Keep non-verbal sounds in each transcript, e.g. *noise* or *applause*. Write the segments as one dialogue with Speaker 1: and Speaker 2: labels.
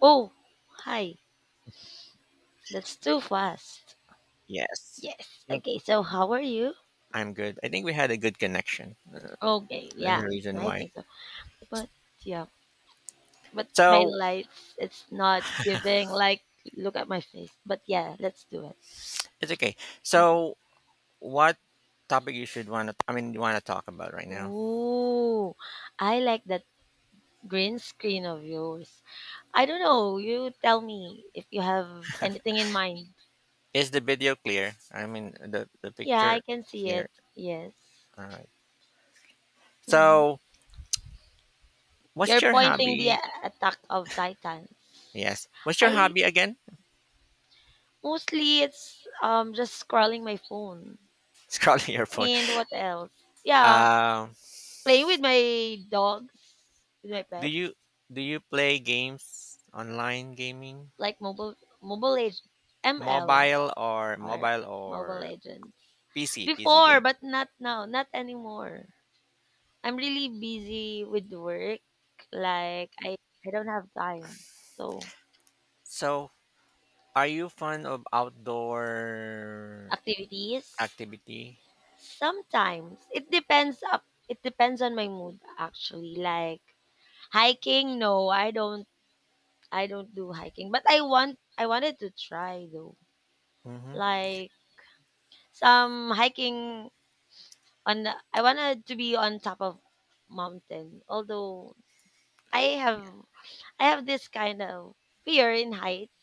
Speaker 1: Oh, hi. That's too fast.
Speaker 2: Yes.
Speaker 1: Yes.
Speaker 2: I think
Speaker 1: Okay. So, how are you?
Speaker 2: I'm good. I think we had a good connection. Uh,
Speaker 1: Okay.
Speaker 2: That's
Speaker 1: Yeah,
Speaker 2: the reason
Speaker 1: I
Speaker 2: why.
Speaker 1: think so. But yeah, but my
Speaker 2: So
Speaker 1: lights, it's not giving. Like, look at my face. But yeah, let's do it.
Speaker 2: it's okay.
Speaker 1: Okay.
Speaker 2: So what topic you should want to? I mean, you want to talk about right now?
Speaker 1: Ooh, I like that green screen of yours. I don't know. You tell me if you have anything in mind.
Speaker 2: Is the video clear? I mean, the
Speaker 1: Yeah, I
Speaker 2: picture
Speaker 1: can see it.
Speaker 2: here.
Speaker 1: Yes.
Speaker 2: All right.
Speaker 1: Mhm.
Speaker 2: So what's
Speaker 1: You're
Speaker 2: your
Speaker 1: pointing the
Speaker 2: hobby?
Speaker 1: attack of Titans.
Speaker 2: Yes. What's your
Speaker 1: I
Speaker 2: hobby again?
Speaker 1: mostly it's just scrolling my phone.
Speaker 2: *laughs* Scrolling your phone.
Speaker 1: And what else? Yeah,
Speaker 2: Um.
Speaker 1: playing with my dogs, with my
Speaker 2: *laughs* do
Speaker 1: pets,
Speaker 2: you do you play games online gaming?
Speaker 1: like mobile age ML
Speaker 2: Mobile or
Speaker 1: or
Speaker 2: mobile
Speaker 1: Mobile
Speaker 2: or
Speaker 1: Legends.
Speaker 2: PC
Speaker 1: Before,
Speaker 2: game?
Speaker 1: but not now, not anymore. I'm really busy with work. Like I don't have time. So,
Speaker 2: So are you fond of outdoor
Speaker 1: activities
Speaker 2: activity?
Speaker 1: sometimes it depends on my mood, actually. Like hiking, no, I don't do hiking, but I wanted to try though.
Speaker 2: Mm-hmm.
Speaker 1: Like some hiking on the, I wanted to be on top of mountain. Although I have I have this kind of fear in heights.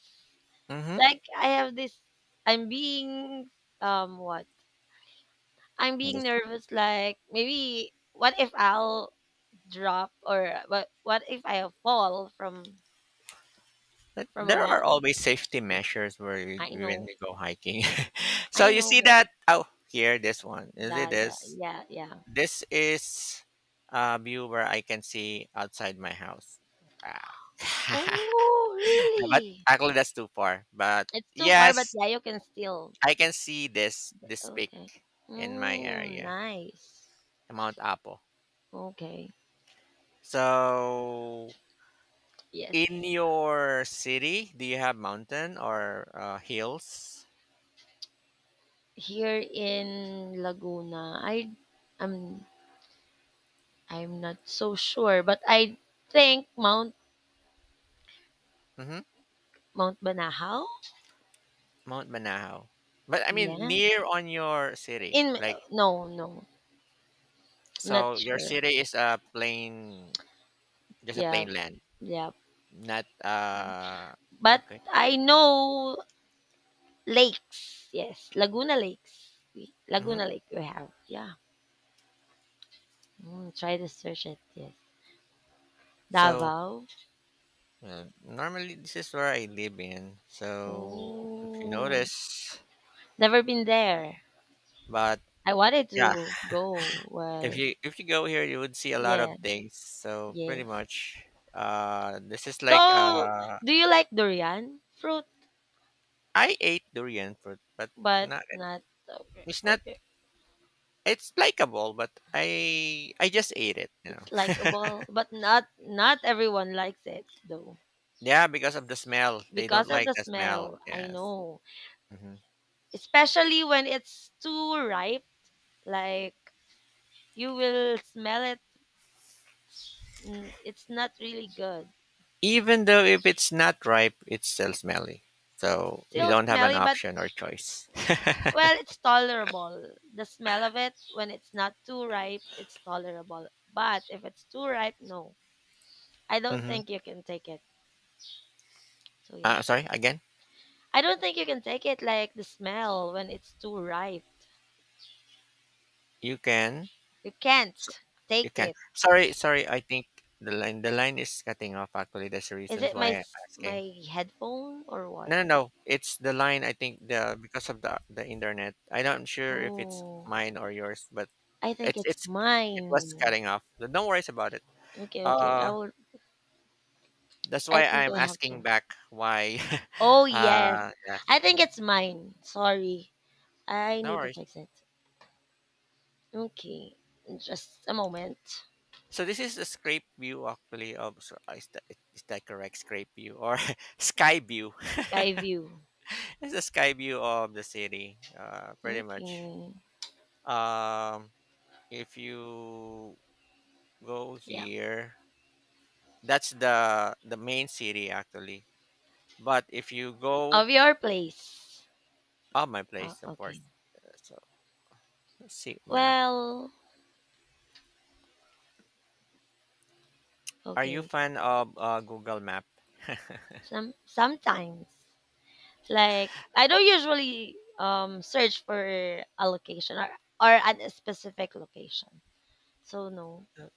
Speaker 2: Mm-hmm.
Speaker 1: Like I have this I'm being what? I'm being
Speaker 2: Yes.
Speaker 1: nervous, like maybe what if I'll drop or what if I fall
Speaker 2: But
Speaker 1: from a
Speaker 2: there are
Speaker 1: mountain?
Speaker 2: always safety measures where you,
Speaker 1: I
Speaker 2: when
Speaker 1: know.
Speaker 2: you go hiking. *laughs* So
Speaker 1: I
Speaker 2: you
Speaker 1: know
Speaker 2: see
Speaker 1: but
Speaker 2: that? Oh, here, this one. Is it
Speaker 1: that,
Speaker 2: this?
Speaker 1: yeah, yeah.
Speaker 2: This is a view where I can see outside my house. Ah. *laughs*
Speaker 1: Oh,
Speaker 2: No, but
Speaker 1: really?
Speaker 2: actually, that's too far. But
Speaker 1: It's too far, but
Speaker 2: yes,
Speaker 1: yeah, you can still.
Speaker 2: I can see this
Speaker 1: Okay.
Speaker 2: peak in my
Speaker 1: Mm,
Speaker 2: area,
Speaker 1: nice.
Speaker 2: Mount Apo.
Speaker 1: Okay.
Speaker 2: So
Speaker 1: Yes.
Speaker 2: in your city, do you have mountain or hills?
Speaker 1: Here in Laguna, I'm I'm not so sure, but I think
Speaker 2: Mm-hmm.
Speaker 1: Mount Banahaw.
Speaker 2: Mount Manahaw. But I mean,
Speaker 1: Yeah.
Speaker 2: near on your city,
Speaker 1: In
Speaker 2: like
Speaker 1: no, no. Not
Speaker 2: so, your
Speaker 1: sure.
Speaker 2: city is a plain, just a
Speaker 1: Yeah.
Speaker 2: plain land,
Speaker 1: Yeah.
Speaker 2: not.
Speaker 1: But
Speaker 2: Okay.
Speaker 1: I know lakes. Yes. Laguna Lakes. We-
Speaker 2: Mm-hmm.
Speaker 1: Laguna Lake we have. Yeah. Mm, try to search it. Yes.
Speaker 2: So
Speaker 1: Davao?
Speaker 2: normally this is where I live in. So if you
Speaker 1: Oh,
Speaker 2: notice,
Speaker 1: never been there.
Speaker 2: but
Speaker 1: I wanted
Speaker 2: yeah,
Speaker 1: to go.
Speaker 2: if
Speaker 1: Well,
Speaker 2: you if you go here, you would see a lot
Speaker 1: yeah,
Speaker 2: of things. So pretty
Speaker 1: yes.
Speaker 2: much, this is like
Speaker 1: So, do you like durian fruit,
Speaker 2: I ate durian fruit, but
Speaker 1: but
Speaker 2: not
Speaker 1: not okay?
Speaker 2: it's not
Speaker 1: Okay,
Speaker 2: it's likable, but I just ate it, you know.
Speaker 1: it's
Speaker 2: *laughs*
Speaker 1: likable, but not everyone likes it though
Speaker 2: Yeah, because of the smell. They don't
Speaker 1: because of
Speaker 2: like
Speaker 1: the
Speaker 2: the smell.
Speaker 1: smell. I
Speaker 2: Yes.
Speaker 1: know,
Speaker 2: Hmm.
Speaker 1: especially when it's too ripe. Like you will smell it. It's n- it's not really good.
Speaker 2: Even though if it's not ripe, it's still smelly.
Speaker 1: It's
Speaker 2: So you
Speaker 1: still
Speaker 2: don't have an
Speaker 1: smelly, but
Speaker 2: option or choice.
Speaker 1: well, it's tolerable. The smell of it, when it's not too ripe, it's tolerable. But if it's too ripe, no. I don't
Speaker 2: hmm
Speaker 1: think you can take it. So, yeah.
Speaker 2: Sorry, again.
Speaker 1: I don't think you can take it, like the smell when it's too ripe.
Speaker 2: You can.
Speaker 1: You
Speaker 2: so-
Speaker 1: can't
Speaker 2: You
Speaker 1: take
Speaker 2: can.
Speaker 1: it.
Speaker 2: Sorry, sorry. I think the line is cutting off. Actually, that's the
Speaker 1: Is
Speaker 2: reasons
Speaker 1: it my
Speaker 2: why I'm
Speaker 1: s-
Speaker 2: asking.
Speaker 1: my headphone or what?
Speaker 2: No, no, no. It's the line. I think the because of the internet. I'm not sure if it's
Speaker 1: Oh,
Speaker 2: mine or yours, but
Speaker 1: I think
Speaker 2: it's
Speaker 1: it's
Speaker 2: it's it was
Speaker 1: mine.
Speaker 2: cutting off. But don't worry about it.
Speaker 1: Okay, okay. I
Speaker 2: Uh,
Speaker 1: will
Speaker 2: that's
Speaker 1: I
Speaker 2: why
Speaker 1: think
Speaker 2: I'm
Speaker 1: I have
Speaker 2: asking
Speaker 1: to.
Speaker 2: back why.
Speaker 1: Oh,
Speaker 2: *laughs*
Speaker 1: yes.
Speaker 2: Yes.
Speaker 1: I think
Speaker 2: Mhm.
Speaker 1: it's mine. Sorry. I
Speaker 2: No
Speaker 1: need to
Speaker 2: worries.
Speaker 1: fix it. Okay, just a moment.
Speaker 2: So this is the scrape view actually of. So is that correct scrape view or *laughs* sky view?
Speaker 1: Sky view.
Speaker 2: *laughs* It's the sky view of the city. Pretty much.
Speaker 1: Okay,
Speaker 2: Um, if you go
Speaker 1: yeah,
Speaker 2: here. That's the main city actually. But if you go.
Speaker 1: of your place.
Speaker 2: Oh, my
Speaker 1: Oh,
Speaker 2: place of course.
Speaker 1: okay.
Speaker 2: So let's see map.
Speaker 1: Well,
Speaker 2: Are you
Speaker 1: okay.
Speaker 2: fan of Google Map?
Speaker 1: Some sometimes, like I don't usually search for a location or at a specific location. So no,
Speaker 2: Uh,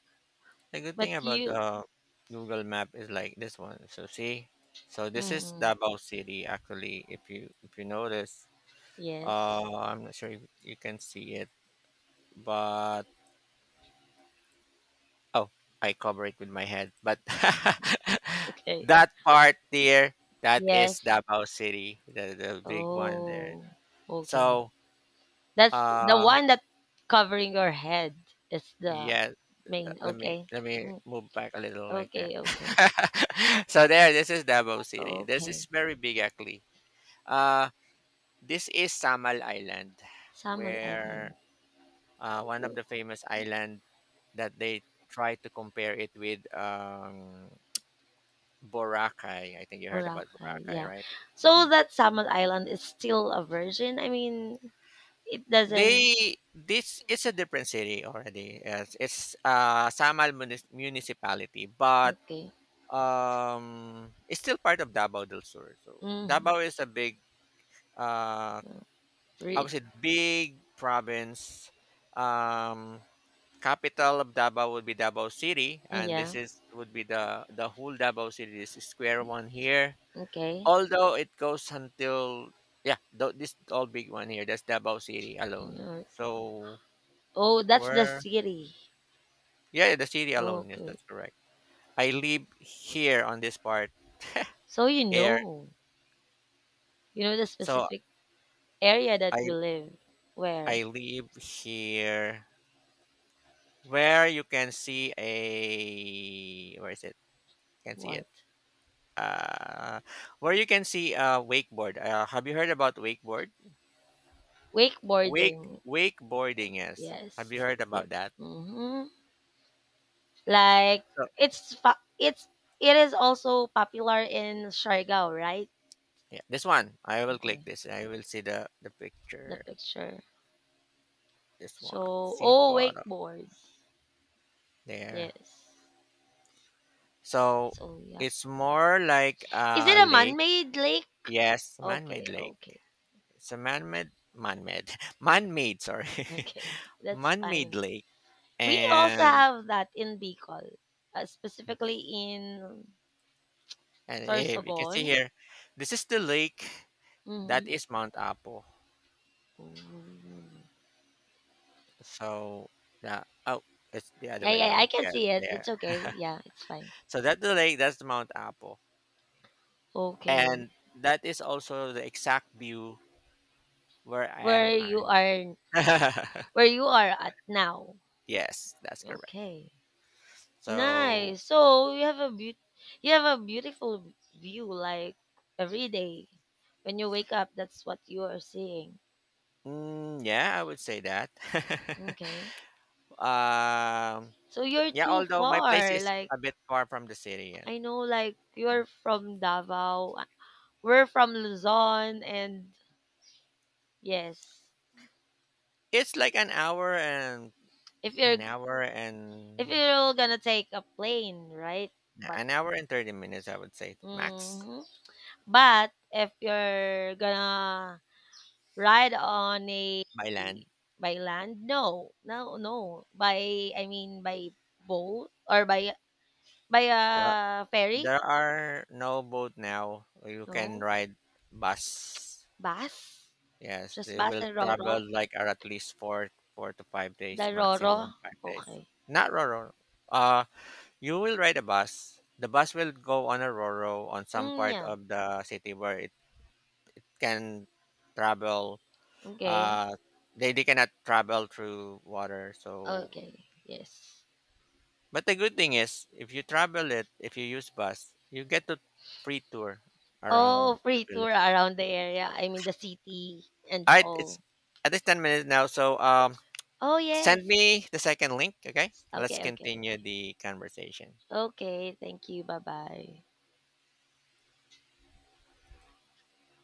Speaker 2: The good
Speaker 1: but
Speaker 2: thing about
Speaker 1: you.
Speaker 2: Google Map is like this one. So see, so this is
Speaker 1: Mm,
Speaker 2: Davao City actually. If you notice,
Speaker 1: yes.
Speaker 2: I'm not sure if you can see it, but oh, I cover it with my head. But *laughs*
Speaker 1: Okay.
Speaker 2: that part there, that is
Speaker 1: Yes.
Speaker 2: Davao City, the big one there.
Speaker 1: Oh. Okay.
Speaker 2: So,
Speaker 1: That's the
Speaker 2: uh,
Speaker 1: one that covering your head is the
Speaker 2: yeah,
Speaker 1: main.
Speaker 2: let me
Speaker 1: Okay.
Speaker 2: let me
Speaker 1: Mm,
Speaker 2: move back a little like that.
Speaker 1: okay, okay.
Speaker 2: *laughs* So there, this is Davao City. This is
Speaker 1: Okay.
Speaker 2: very big actually. Uh, this is Samal Island,
Speaker 1: Samal
Speaker 2: where
Speaker 1: Island.
Speaker 2: one of the famous island that they try to compare it with Boracay. I think you heard about
Speaker 1: Boracay.
Speaker 2: Boracay,
Speaker 1: Yeah.
Speaker 2: right?
Speaker 1: So
Speaker 2: Hmm.
Speaker 1: that Samal Island is still a virgin. I mean, it doesn't.
Speaker 2: They This is a different city already. Yes, it's Samal municipality, but
Speaker 1: Okay.
Speaker 2: It's still part of Davao del Sur. So
Speaker 1: Mm,
Speaker 2: Davao is a big, uh, I
Speaker 1: re-
Speaker 2: would say big province. Um, Capital of Davao would be Davao City, and this
Speaker 1: yeah.
Speaker 2: is would be the whole Davao City. This is square one here.
Speaker 1: Okay.
Speaker 2: Although it goes until, yeah, this all big one here. That's Davao City alone.
Speaker 1: Yeah.
Speaker 2: So
Speaker 1: Oh, that's the
Speaker 2: where,
Speaker 1: city.
Speaker 2: yeah, the city alone. Yes,
Speaker 1: Okay.
Speaker 2: that's correct. I live here on this part
Speaker 1: So you
Speaker 2: here,
Speaker 1: know. You know the
Speaker 2: so
Speaker 1: specific area that
Speaker 2: I
Speaker 1: you live. Where?
Speaker 2: I live here where you can see a where is it? Can see it.
Speaker 1: What?
Speaker 2: Uh, where you can see a wakeboard. Have you heard about wakeboard?
Speaker 1: Wakeboarding.
Speaker 2: Wakeboarding. Yes. Have you
Speaker 1: Yes.
Speaker 2: heard
Speaker 1: Yep.
Speaker 2: about that?
Speaker 1: Hmm. Like
Speaker 2: So
Speaker 1: it's it is also popular in Siargao, right?
Speaker 2: yeah, this one. I will click
Speaker 1: Okay.
Speaker 2: this. I will see the
Speaker 1: The
Speaker 2: picture.
Speaker 1: picture.
Speaker 2: This one.
Speaker 1: So
Speaker 2: See
Speaker 1: oh
Speaker 2: photo
Speaker 1: wakeboard.
Speaker 2: there.
Speaker 1: Yes.
Speaker 2: So
Speaker 1: So yep.
Speaker 2: it's more like
Speaker 1: Is it
Speaker 2: a
Speaker 1: a
Speaker 2: lake.
Speaker 1: man-made lake?
Speaker 2: Yes, man-made
Speaker 1: Okay,
Speaker 2: lake.
Speaker 1: okay,
Speaker 2: It's a *laughs* man-made. Sorry. *laughs*
Speaker 1: okay. That's
Speaker 2: man-made
Speaker 1: fine.
Speaker 2: lake
Speaker 1: We also
Speaker 2: and
Speaker 1: have that in Bicol, specifically in
Speaker 2: you can
Speaker 1: Sorsogon.
Speaker 2: see here this is the lake that
Speaker 1: Mm-hmm.
Speaker 2: is Mount Apo. So, yeah. Oh, it's the other
Speaker 1: Yeah,
Speaker 2: way
Speaker 1: yeah, I
Speaker 2: around
Speaker 1: can
Speaker 2: here,
Speaker 1: see it.
Speaker 2: there.
Speaker 1: It's okay. Yeah, it's fine.
Speaker 2: So that's the lake. That's the Mount Apo.
Speaker 1: Okay.
Speaker 2: And that is also the exact view where I am
Speaker 1: Where
Speaker 2: I
Speaker 1: you are
Speaker 2: *laughs*
Speaker 1: where you are at now.
Speaker 2: Yes, that's correct.
Speaker 1: Okay.
Speaker 2: So
Speaker 1: Nice. So you have a beaut you have a beautiful view like every day. When you wake up, that's what you are seeing.
Speaker 2: yeah, I would say that. *laughs*
Speaker 1: Okay.
Speaker 2: um
Speaker 1: So you're
Speaker 2: yeah,
Speaker 1: too
Speaker 2: although my place
Speaker 1: far.
Speaker 2: is
Speaker 1: Like
Speaker 2: a bit far from the city and
Speaker 1: I know, like you're from Davao. Uh, we're from Luzon and yes.
Speaker 2: it's like
Speaker 1: If you're
Speaker 2: An hour
Speaker 1: if
Speaker 2: and
Speaker 1: you're gonna take a plane, right?
Speaker 2: yeah,
Speaker 1: But
Speaker 2: an hour and 30 minutes, I would say max
Speaker 1: hmm but if you're gonna ride on a
Speaker 2: by land.
Speaker 1: by land? No. No, no. By I mean by boat or by
Speaker 2: But
Speaker 1: a ferry?
Speaker 2: there are no boat now. You can
Speaker 1: No.
Speaker 2: ride bus.
Speaker 1: Bus?
Speaker 2: Yes,
Speaker 1: Just
Speaker 2: they
Speaker 1: bus
Speaker 2: will
Speaker 1: and Roro?
Speaker 2: travel like are at least four to five
Speaker 1: The
Speaker 2: days
Speaker 1: Roro?
Speaker 2: maximum 5 days.
Speaker 1: Okay.
Speaker 2: Not Roro. Uh, you will ride a bus. The bus will go on a Roro on some
Speaker 1: Mm,
Speaker 2: part
Speaker 1: yeah.
Speaker 2: of the city where it can travel.
Speaker 1: Okay.
Speaker 2: Uh, they, cannot travel through water, so.
Speaker 1: Okay. Yes.
Speaker 2: But the good thing is, if you travel it, if you use bus, you get to free tour
Speaker 1: Oh,
Speaker 2: around the
Speaker 1: free tour
Speaker 2: Philippines.
Speaker 1: around the area. I mean the city and
Speaker 2: All right, it's
Speaker 1: all.
Speaker 2: at least 10 minutes now. So
Speaker 1: Oh,
Speaker 2: send
Speaker 1: yes.
Speaker 2: me the second link, okay? Let's
Speaker 1: Okay, okay,
Speaker 2: continue
Speaker 1: okay.
Speaker 2: the conversation.
Speaker 1: Okay, thank you. Bye-bye.